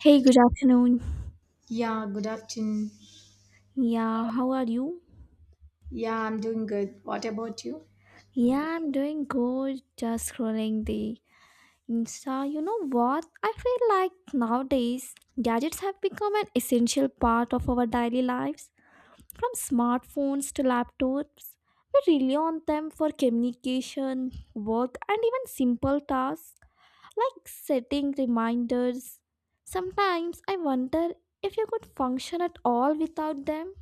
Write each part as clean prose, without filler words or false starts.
Hey, good afternoon. Yeah, good afternoon. Yeah, how are you? Yeah, I'm doing good. What about you? Yeah, I'm doing good. Just scrolling the Insta. You know what? I feel like nowadays gadgets have become an essential part of our daily lives. From smartphones to laptops, we rely on them for communication, work, and even simple tasks like setting reminders. Sometimes I wonder if you could function at all without them.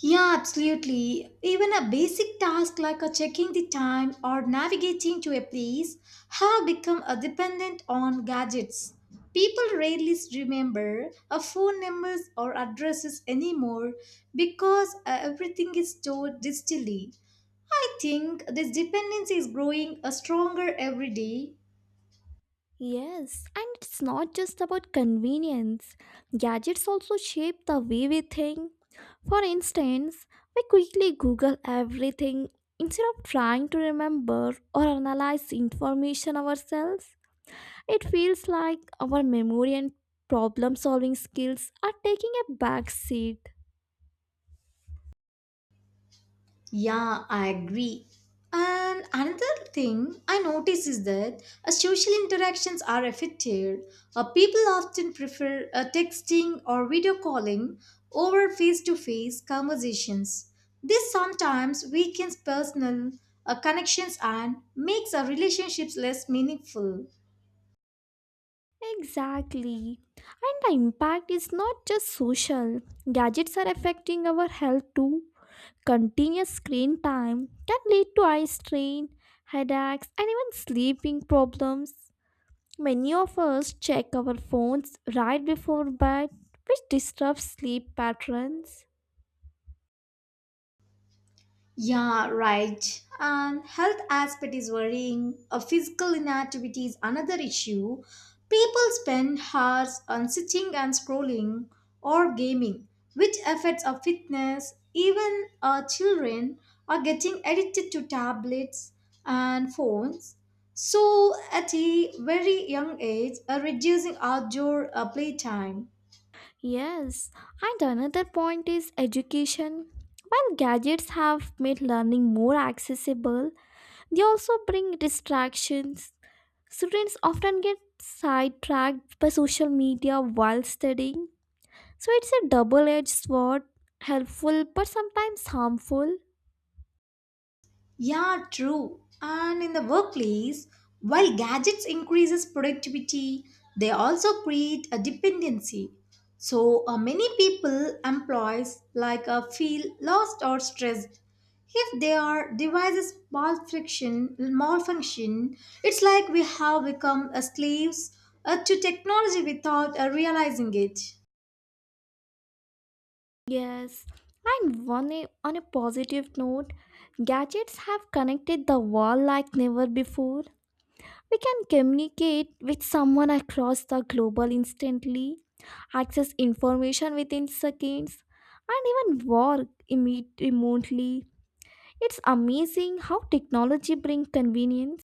Yeah, absolutely. Even a basic task like a checking the time or navigating to a place have become a dependent on gadgets. People rarely remember a phone numbers or addresses anymore because everything is stored digitally. I think this dependency is growing stronger every day. Yes, and it's not just about convenience. Gadgets also shape the way we think. For instance, we quickly Google everything instead of trying to remember or analyze information ourselves. It feels like our memory and problem solving skills are taking a back seat. Yeah, I agree. And another thing I notice is that social interactions are affected. People often prefer texting or video calling over face to face conversations. This sometimes weakens personal connections and makes our relationships less meaningful. Exactly. And the impact is not just social. Gadgets are affecting our health too. Continuous screen time can lead to eye strain, headaches, and even sleeping problems. Many of us check our phones right before bed, which disrupts sleep patterns. Yeah, right. And health aspect is worrying. A physical inactivity is another issue. People spend hours on sitting and scrolling or gaming, which affects our fitness. Even our children are getting addicted to tablets and phones. So, at a very young age, are reducing outdoor playtime. Yes, and another point is education. While gadgets have made learning more accessible, they also bring distractions. Students often get sidetracked by social media while studying. So it's a double edged sword, helpful but sometimes harmful. Yeah, true. And in the workplace, while gadgets increases productivity, they also create a dependency. So many people, employees, like feel lost or stressed if they are devices malfunction. It's like we have become slaves to technology without realizing it. Yes, and on a positive note, gadgets have connected the world like never before. We can communicate with someone across the global instantly, access information within seconds, and even work remotely. It's amazing how technology brings convenience.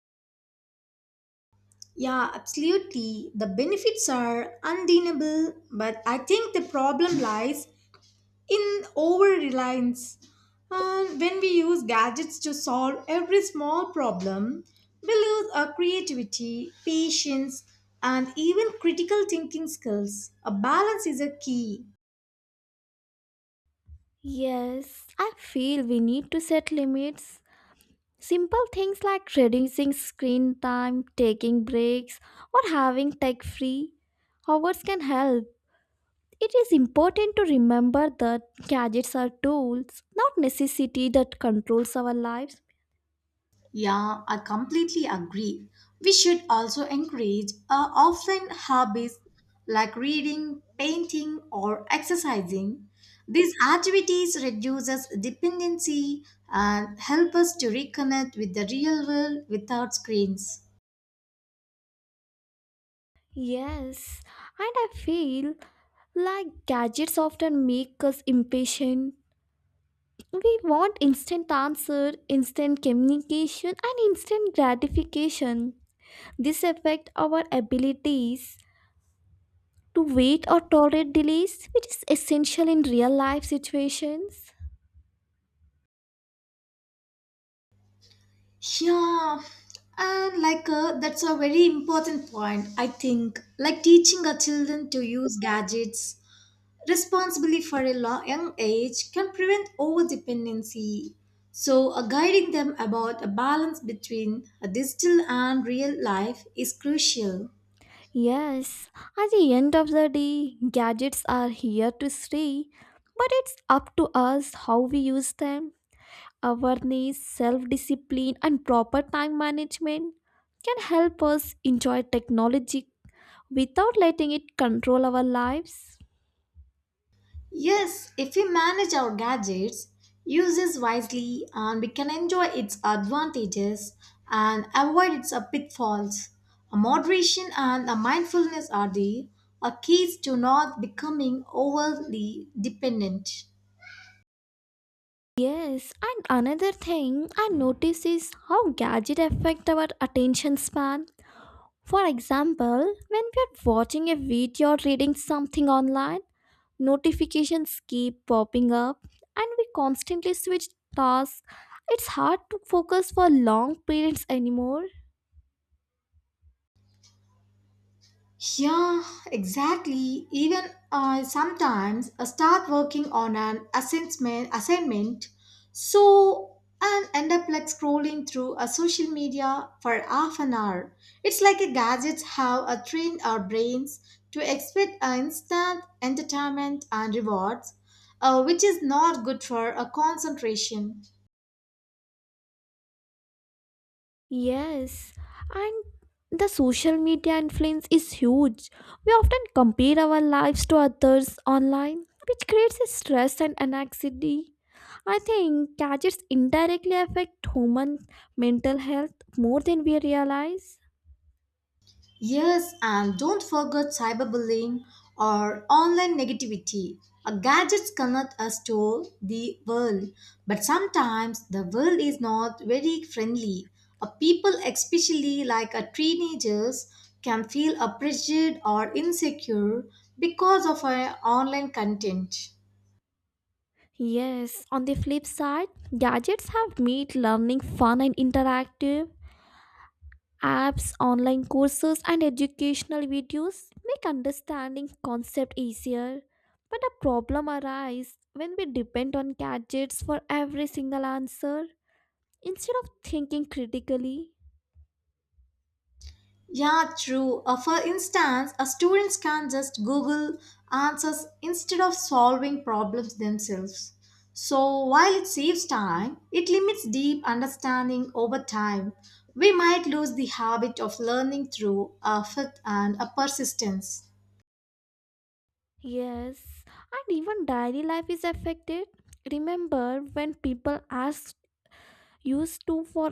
Yeah, absolutely. The benefits are undeniable, but I think the problem lies in over reliance. And when we use gadgets to solve every small problem, we lose our creativity, patience, and even critical thinking skills. A balance is a key. Yes, I feel we need to set limits. Simple things like reducing screen time, taking breaks, or having tech free hours can help. It is important to remember that gadgets are tools, not necessity that controls our lives. Yeah, I completely agree. We should also encourage offline hobbies like reading, painting, or exercising. These activities reduces dependency and help us to reconnect with the real world without screens. Yes, and I feel like gadgets often make us impatient. We want instant answer, instant communication, and instant gratification. This affect our abilities to wait or tolerate delays, which is essential in real life situations. Yeah, and like that's a very important point, I think. Like teaching our children to use gadgets responsibility for a young age can prevent overdependency. So, guiding them about a balance between a digital and real life is crucial. Yes, at the end of the day, gadgets are here to stay, but it's up to us how we use them. Awareness, self discipline, and proper time management can help us enjoy technology without letting it control our lives. Yes, if we manage our gadgets, uses wisely, and we can enjoy its advantages and avoid its pitfalls, a moderation and a mindfulness are the keys to not becoming overly dependent. Yes, and another thing I notice is how gadgets affect our attention span. For example, when we are watching a video or reading something online, notifications keep popping up and we constantly switch tasks. It's hard to focus for long periods anymore. Yeah, exactly. Even sometimes I start working on an assessment assignment, so and end up like scrolling through a social media for half an hour. It's like a gadgets have trained our brains to expect instant entertainment and rewards, which is not good for a concentration. Yes, and the social media influence is huge. We often compare our lives to others online, which creates a stress and anxiety. I think gadgets indirectly affect human mental health more than we realize. Yes, and don't forget cyberbullying or online negativity. Our gadgets connect us to the world, but sometimes the world is not very friendly. A people, especially like a teenagers, can feel pressured or insecure because of our online content. Yes, on the flip side, gadgets have made learning fun and interactive. Apps, online courses, and educational videos make understanding concept easier. But a problem arises when we depend on gadgets for every single answer instead of thinking critically. Yeah, true. For instance, a students can just Google answers instead of solving problems themselves. So while it saves time, it limits deep understanding over time. We might lose the habit of learning through effort and a persistence. Yes, and even daily life is affected. Remember when people ask. Used to for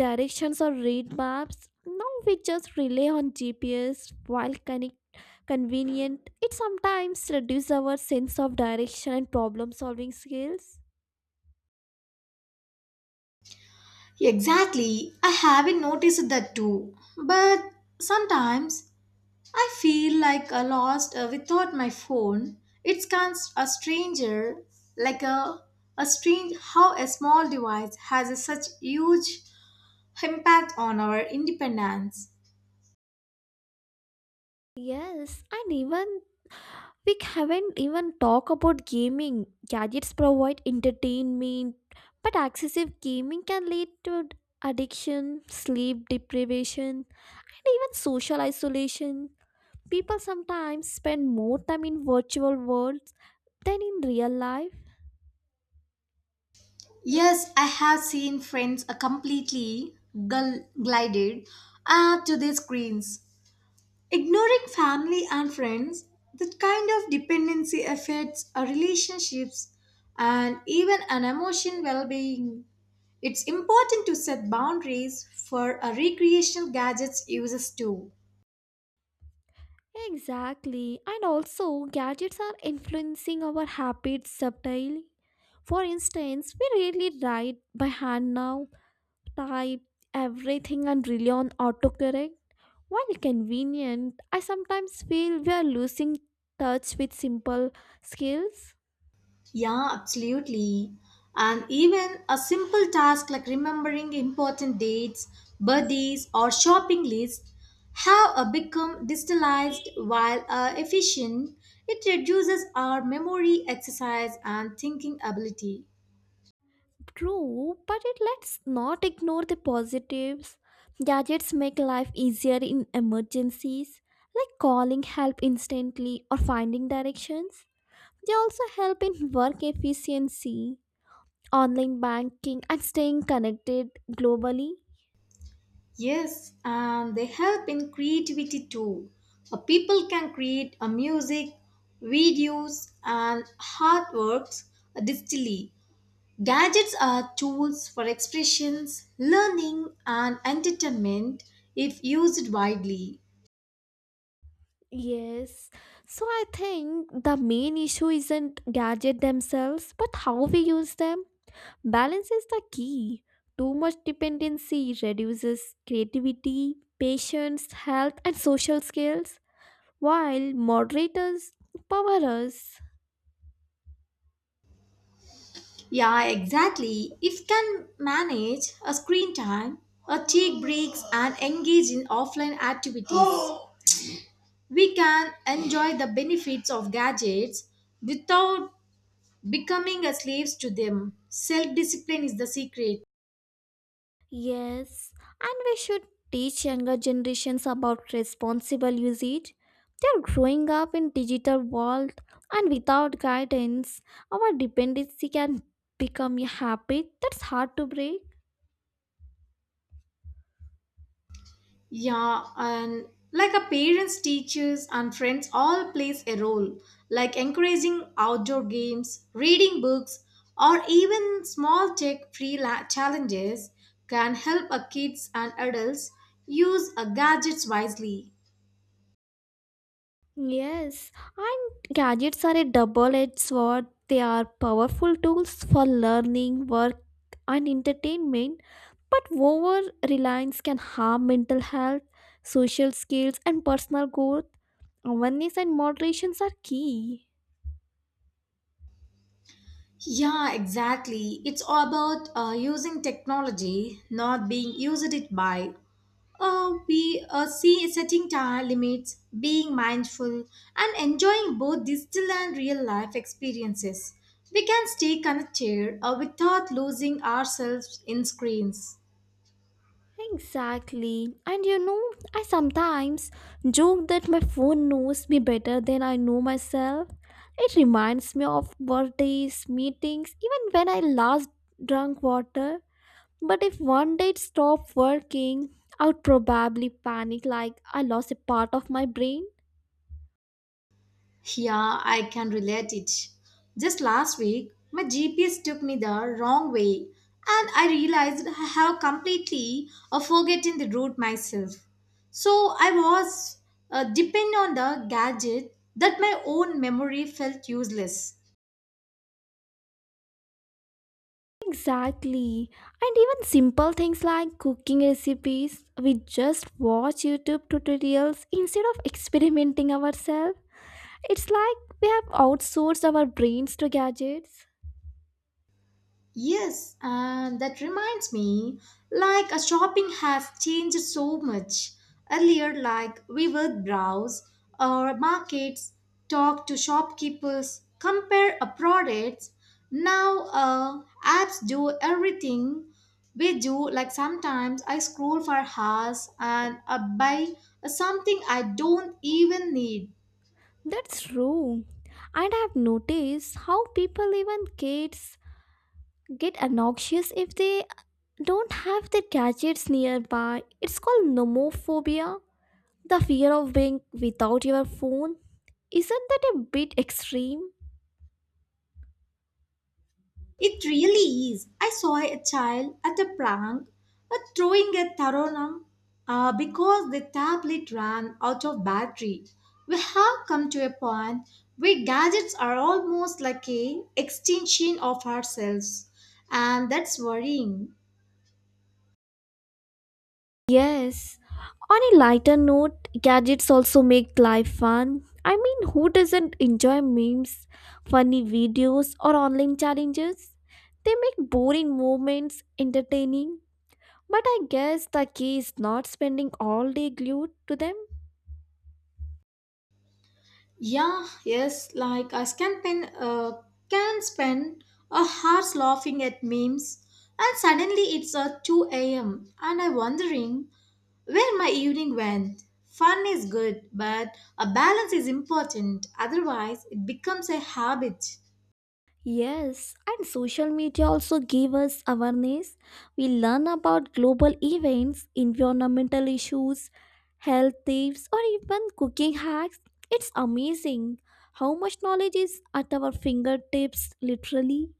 directions or read maps. Now we just rely on GPS while connect convenient. It sometimes reduces our sense of direction and problem solving skills. Exactly, I haven't noticed that too. But sometimes I feel like a lost without my phone. It's kind a stranger, like a strange how a small device has a such huge impact on our independence. Yes, and even we haven't even talk about gaming. Gadgets provide entertainment, but excessive gaming can lead to addiction, sleep deprivation, and even social isolation. People sometimes spend more time in virtual world than in real life. Yes, I have seen friends completely glided to their screens, ignoring family and friends. That kind of dependency affects our relationships and even an emotion well-being. It's important to set boundaries for a recreational gadgets uses too. Exactly. And also, gadgets are influencing our habits subtly. For instance, we rarely write by hand now, type everything and rely on autocorrect. While convenient, I sometimes feel we are losing touch with simple skills. Yeah, absolutely. And even a simple task like remembering important dates, birthdays, or shopping lists have become digitalized while efficient. It reduces our memory exercise and thinking ability. True, but it let's not ignore the positives. Gadgets make life easier in emergencies, like calling help instantly or finding directions. They also help in work efficiency, online banking, and staying connected globally. Yes, and they help in creativity too. People can create music, videos, and artworks digitally. Gadgets are tools for expressions, learning, and entertainment if used widely. Yes. So I think the main issue isn't gadget themselves, but how we use them. Balance is the key. Too much dependency reduces creativity, patience, health, and social skills, while moderators empower us. Yeah, exactly. If can manage a screen time, or take breaks, and engage in offline activities, we can enjoy the benefits of gadgets without becoming a slaves to them. Self discipline is the secret. Yes, and we should teach younger generations about responsible usage. They're growing up in digital world and without guidance, our dependency can become a habit that's hard to break. Yeah, and like our parents, teachers, and friends all plays a role, like encouraging outdoor games, reading books, or even small tech free challenges can help our kids and adults use our gadgets wisely. Yes, and gadgets are a double-edged sword. They are powerful tools for learning, work, and entertainment. But over reliance can harm mental health, social skills, and personal growth. Awareness and moderations are key. Yeah, exactly. It's all about using technology, not being used it by. Oh, we see setting time limits, being mindful, and enjoying both digital and real life experiences. We can stay connected without losing ourselves in screens. Exactly. And you know, I sometimes joke that my phone knows me better than I know myself. It reminds me of birthdays, meetings, even when I last drank water. But if one day it stopped working, I would probably panic like I lost a part of my brain. Yeah, I can relate it. Just last week, my GPS took me the wrong way, and I realized I have completely forgotten the route myself. So I was dependent on the gadget that my own memory felt useless. Exactly. And even simple things like cooking recipes, we just watch YouTube tutorials instead of experimenting ourselves. It's like we have outsourced our brains to gadgets. Yes, and that reminds me, like a shopping has changed so much. Earlier, like we would browse our markets, talk to shopkeepers, compare a products. Now, apps do everything we do. Like sometimes I scroll for hours and buy something I don't even need. That's true. And I have noticed how people, even kids, get obnoxious if they don't have their gadgets nearby. It's called nomophobia, the fear of being without your phone. Isn't that a bit extreme? It really is. I saw a child at a prank throwing a taronam because the tablet ran out of battery. We have come to a point where gadgets are almost like a extension of ourselves, and that's worrying. Yes. On a lighter note, gadgets also make life fun. I mean, who doesn't enjoy memes, funny videos, or online challenges? They make boring moments entertaining. But I guess the key is not spending all day glued to them. Yeah, yes, like I can spend a hours laughing at memes, and suddenly it's 2 a.m. and I'm wondering where my evening went. Fun is good, but a balance is important. Otherwise, it becomes a habit. Yes, and social media also give us awareness. We learn about global events, environmental issues, health tips, or even cooking hacks. It's amazing how much knowledge is at our fingertips, literally.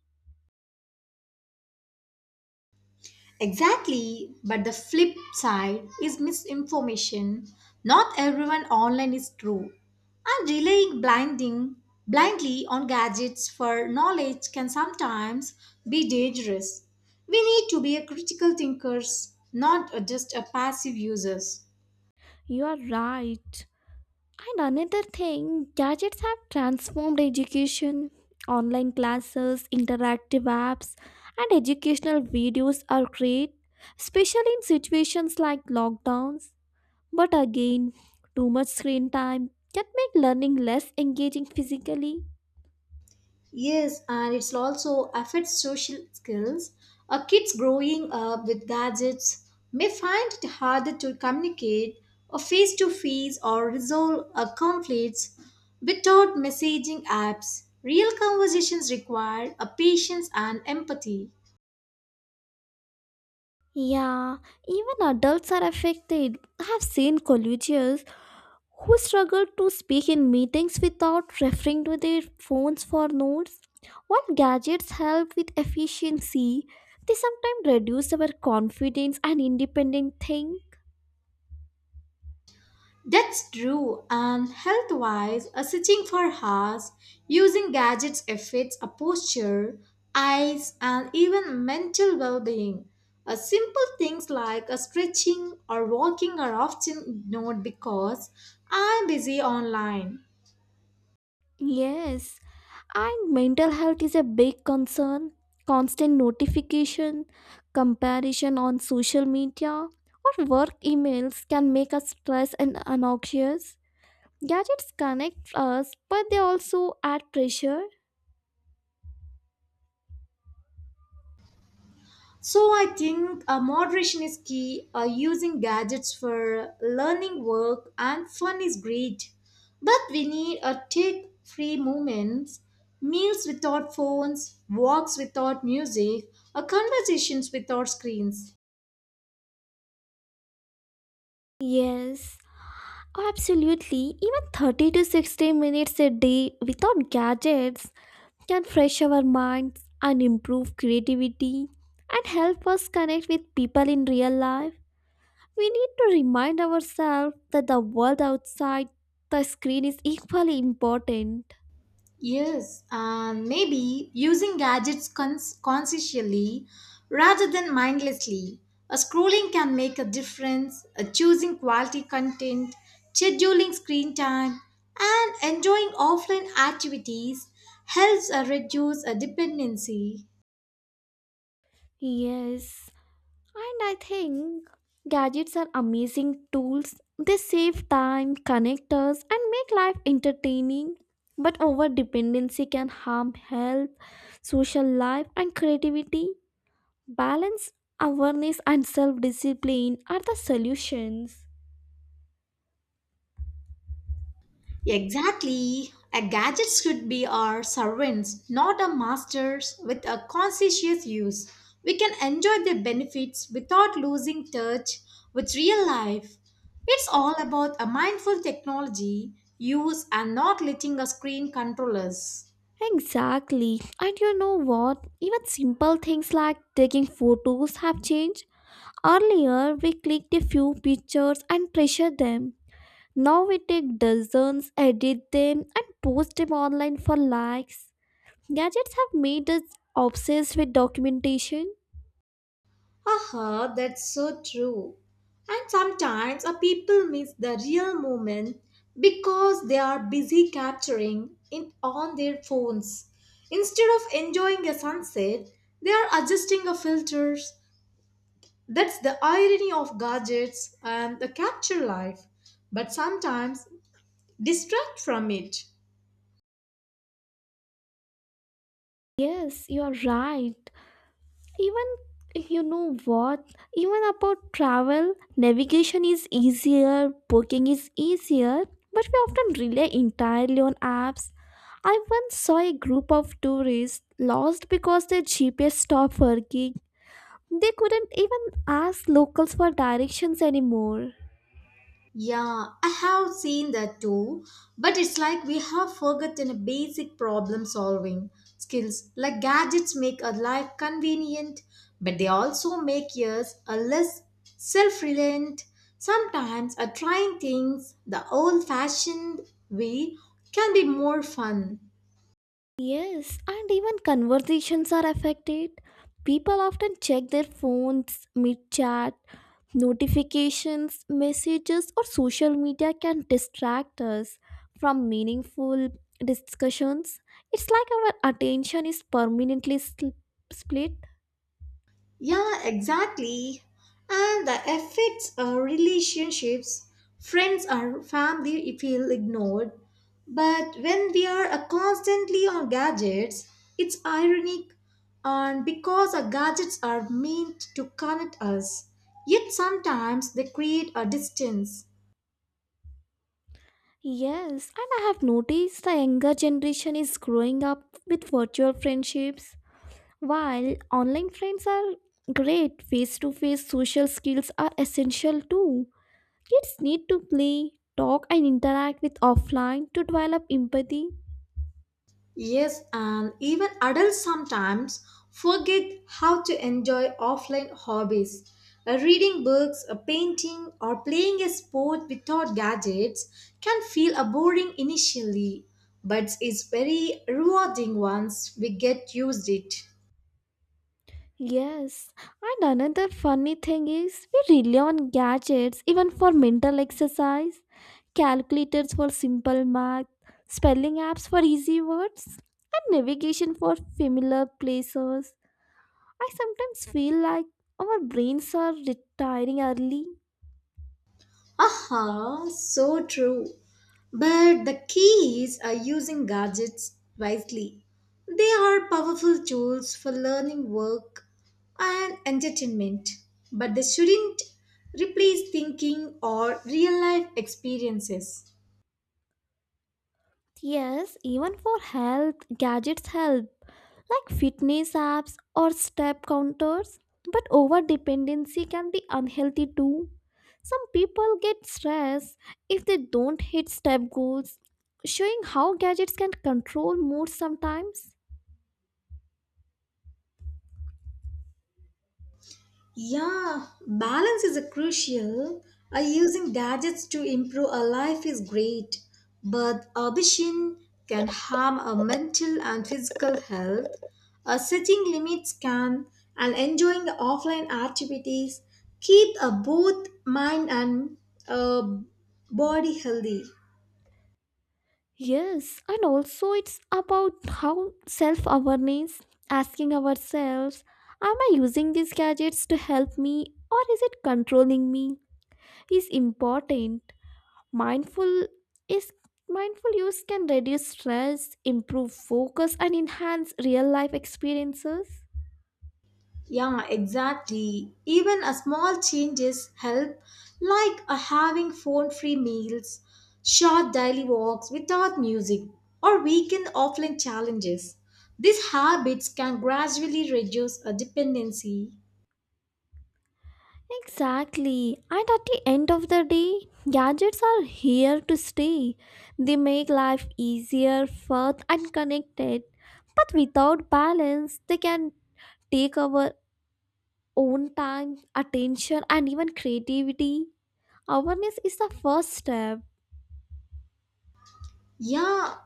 Exactly, but the flip side is misinformation. Not everyone online is true. And relying blindly on gadgets for knowledge can sometimes be dangerous. We need to be a critical thinkers, not just a passive users. You are right. And another thing, gadgets have transformed education. Online classes, interactive apps, and educational videos are great, especially in situations like lockdowns. But again, too much screen time can make learning less engaging physically. Yes, and it's also affects social skills. Kids growing up with gadgets may find it harder to communicate or face to face or resolve conflicts without messaging apps. Real conversations require a patience and empathy. Yeah, even adults are affected. I have seen colleges who struggle to speak in meetings without referring to their phones for notes. While gadgets help with efficiency, they sometimes reduce our confidence and independent thing. That's true, and health wise, sitting for hours, using gadgets affects a posture, eyes, and even mental well being. Simple things like a stretching or walking are often ignored because I'm busy online. Yes, and mental health is a big concern. Constant notification, comparison on social media, or work emails can make us stressed and anxious. Gadgets connect us, but they also add pressure. So I think moderation is key. Using gadgets for learning, work, and fun is great, but we need a take-free moments, meals without phones, walks without music, or conversations without screens. Yes, absolutely. Even 30 to 60 minutes a day without gadgets can fresh our minds and improve creativity and help us connect with people in real life. We need to remind ourselves that the world outside the screen is equally important. Yes, and maybe using gadgets consciously rather than mindlessly. A scrolling can make a difference, a choosing quality content, scheduling screen time, and enjoying offline activities helps reduce a dependency. Yes, and I think gadgets are amazing tools. They save time, connect us, and make life entertaining. But over dependency can harm health, social life, and creativity. Balance, awareness, and self discipline are the solutions. Exactly. A gadget should be our servants, not our masters, with a conscientious use. We can enjoy their benefits without losing touch with real life. It's all about a mindful technology use and not letting a screen control us. Exactly. And you know what? Even simple things like taking photos have changed. Earlier, we clicked a few pictures and treasured them. Now we take dozens, edit them, and post them online for likes. Gadgets have made us obsessed with documentation. Aha, that's so true. And sometimes a people miss the real moment because they are busy capturing it on their phones. Instead of enjoying a sunset, they are adjusting the filters. That's the irony of gadgets and the capture life, but sometimes distract from it. Yes, you're right. Even you know what? Even about travel, navigation is easier, booking is easier, but we often rely entirely on apps. I once saw a group of tourists lost because their GPS stopped working. They couldn't even ask locals for directions anymore. Yeah, I have seen that too, but it's like we have forgotten a basic problem solving skills. Like gadgets make our life convenient, but they also make us a less self reliant. Sometimes a trying things the old fashioned way can be more fun. Yes, and even conversations are affected. People often check their phones mid chat. Notifications, messages, or social media can distract us from meaningful discussions. It's like our attention is permanently split. Yeah, exactly. And the effects our relationships. Friends or family feel ignored. But when we are constantly on gadgets, it's ironic and because our gadgets are meant to connect us, yet sometimes they create a distance. Yes, and I have noticed the younger generation is growing up with virtual friendships. While online friends are great, face to face social skills are essential too. Kids need to play, talk, and interact with offline to develop empathy. Yes, and even adults sometimes forget how to enjoy offline hobbies. Reading books, painting, or playing a sport without gadgets can feel boring initially, but it's very rewarding once we get used it. Yes, and another funny thing is we rely on gadgets even for mental exercise, calculators for simple math, spelling apps for easy words, and navigation for familiar places. I sometimes feel like our brains are retiring early. Aha, so true. But the key is using gadgets wisely. They are powerful tools for learning, work, and entertainment, but they shouldn't replace thinking or real life experiences. Yes, even for health, gadgets help, like fitness apps or step counters. But over dependency can be unhealthy too. Some people get stressed if they don't hit step goals, showing how gadgets can control mood sometimes. Yeah, balance is a crucial. Using gadgets to improve our life is great, but ambition can harm our mental and physical health. Setting limits can, and enjoying the offline activities keep both mind and uh, body healthy. Yes, and also it's about how self awareness, asking ourselves, am I using these gadgets to help me or is it controlling me? Is important. mindful is Mindful use can reduce stress, improve focus, and enhance real life experiences. Yeah, exactly. Even a small changes help, like a having phone-free meals, short daily walks without music, or weekend offline challenges. These habits can gradually reduce a dependency. Exactly, and at the end of the day, gadgets are here to stay. They make life easier, fun, and connected, but without balance they can take our own time, attention, and even creativity. Awareness is the first step. Yeah,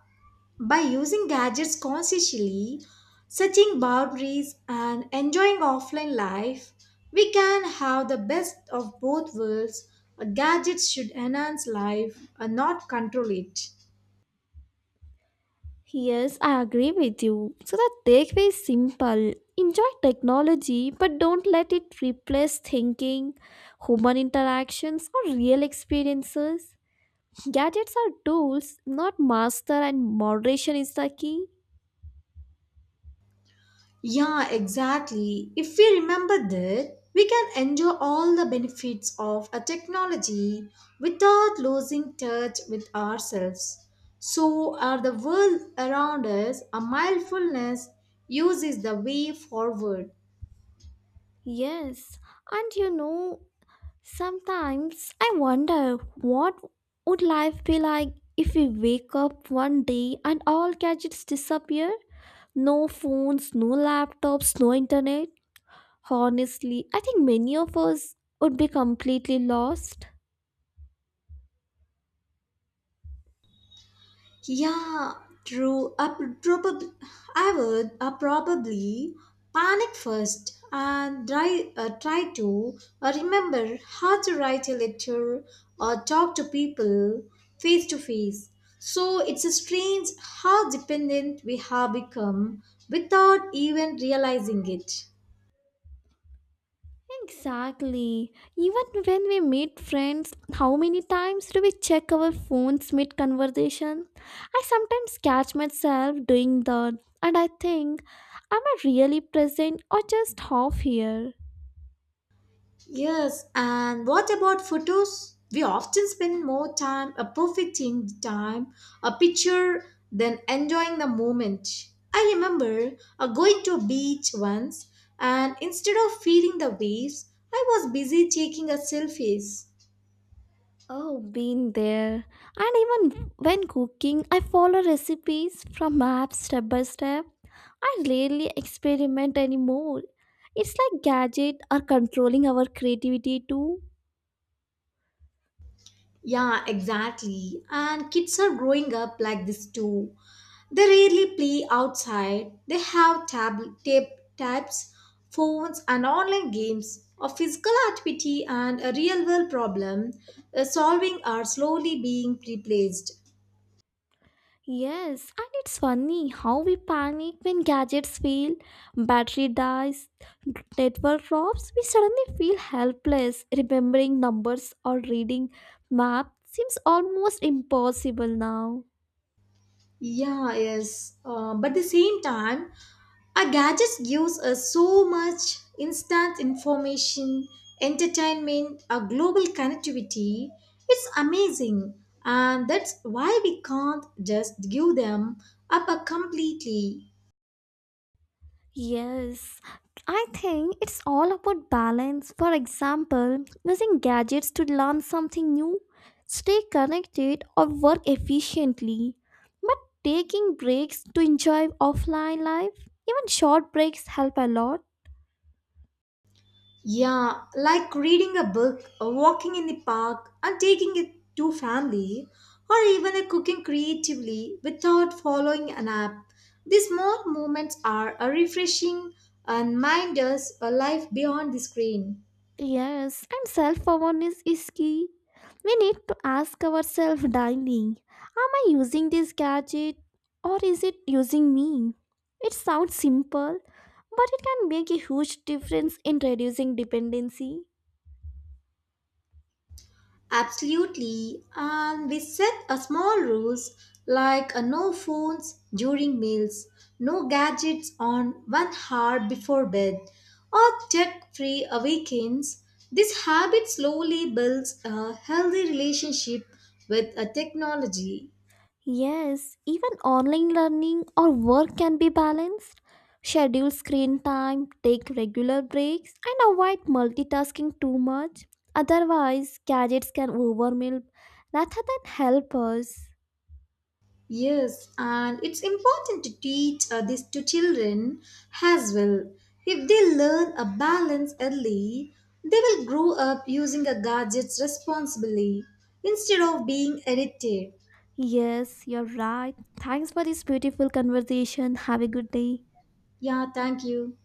by using gadgets consciously, setting boundaries, and enjoying offline life, we can have the best of both worlds. A gadget should enhance life and not control it. Yes, I agree with you. So the takeaway is simple. Enjoy technology, but don't let it replace thinking, human interactions, or real experiences. Gadgets are tools, not master, and moderation is the key. Yeah, exactly. If we remember that, we can enjoy all the benefits of a technology without losing touch with ourselves. So, are the world around us, a mindfulness uses the way forward. Yes, and you know, sometimes I wonder what would life be like if we wake up one day and all gadgets disappear? No phones, no laptops, no internet. Honestly, I think many of us would be completely lost. Yeah, true. Probably, I would probably panic first and try to remember how to write a letter or talk to people face to face. So it's a strange how dependent we have become without even realizing it. Exactly. Even when we meet friends, how many times do we check our phones mid conversation? I sometimes catch myself doing that, and I think, am I really present or just half here? Yes, and what about photos? We often spend more time perfecting the time, a picture, than enjoying the moment. I remember going to a beach once, and instead of feeling the waves, I was busy taking a selfies. Oh, been there. And even when cooking, I follow recipes from maps step by step. I rarely experiment anymore. It's like gadget are controlling our creativity too. Yeah, exactly. And kids are growing up like this too. They rarely play outside. They have tabs, phones, and online games. A physical activity and a real world problem solving are slowly being replaced. Yes, and it's funny how we panic when gadgets fail, battery dies, network drops. We suddenly feel helpless. Remembering numbers or reading map seems almost impossible now. Yeah, yes. But the same time, our gadgets gives us so much instant information, entertainment, our global connectivity. It's amazing. And that's why we can't just give them up completely. Yes, I think it's all about balance. For example, using gadgets to learn something new, stay connected, or work efficiently. But taking breaks to enjoy offline life, even short breaks, help a lot. Yeah, like reading a book, or walking in the park, and taking it to family, or even a cooking creatively without following an app. These small moments are a refreshing and mind us a life beyond the screen. Yes, and self awareness is key. We need to ask ourselves daily, am I using this gadget or is it using me? It sounds simple, but it can make a huge difference in reducing dependency. Absolutely. And we set a small rules like no phones during meals, no gadgets on 1 hour before bed, or tech free weekends. This habit slowly builds a healthy relationship with a technology. Yes, even online learning or work can be balanced. Schedule screen time, take regular breaks, and avoid multitasking too much. Otherwise, gadgets can overwhelm rather than help us. Yes, and it's important to teach this to children as well. If they learn a balance early, they will grow up using a gadgets responsibly instead of being addicted. Yes, you're right. Thanks for this beautiful conversation. Have a good day. Yeah, thank you.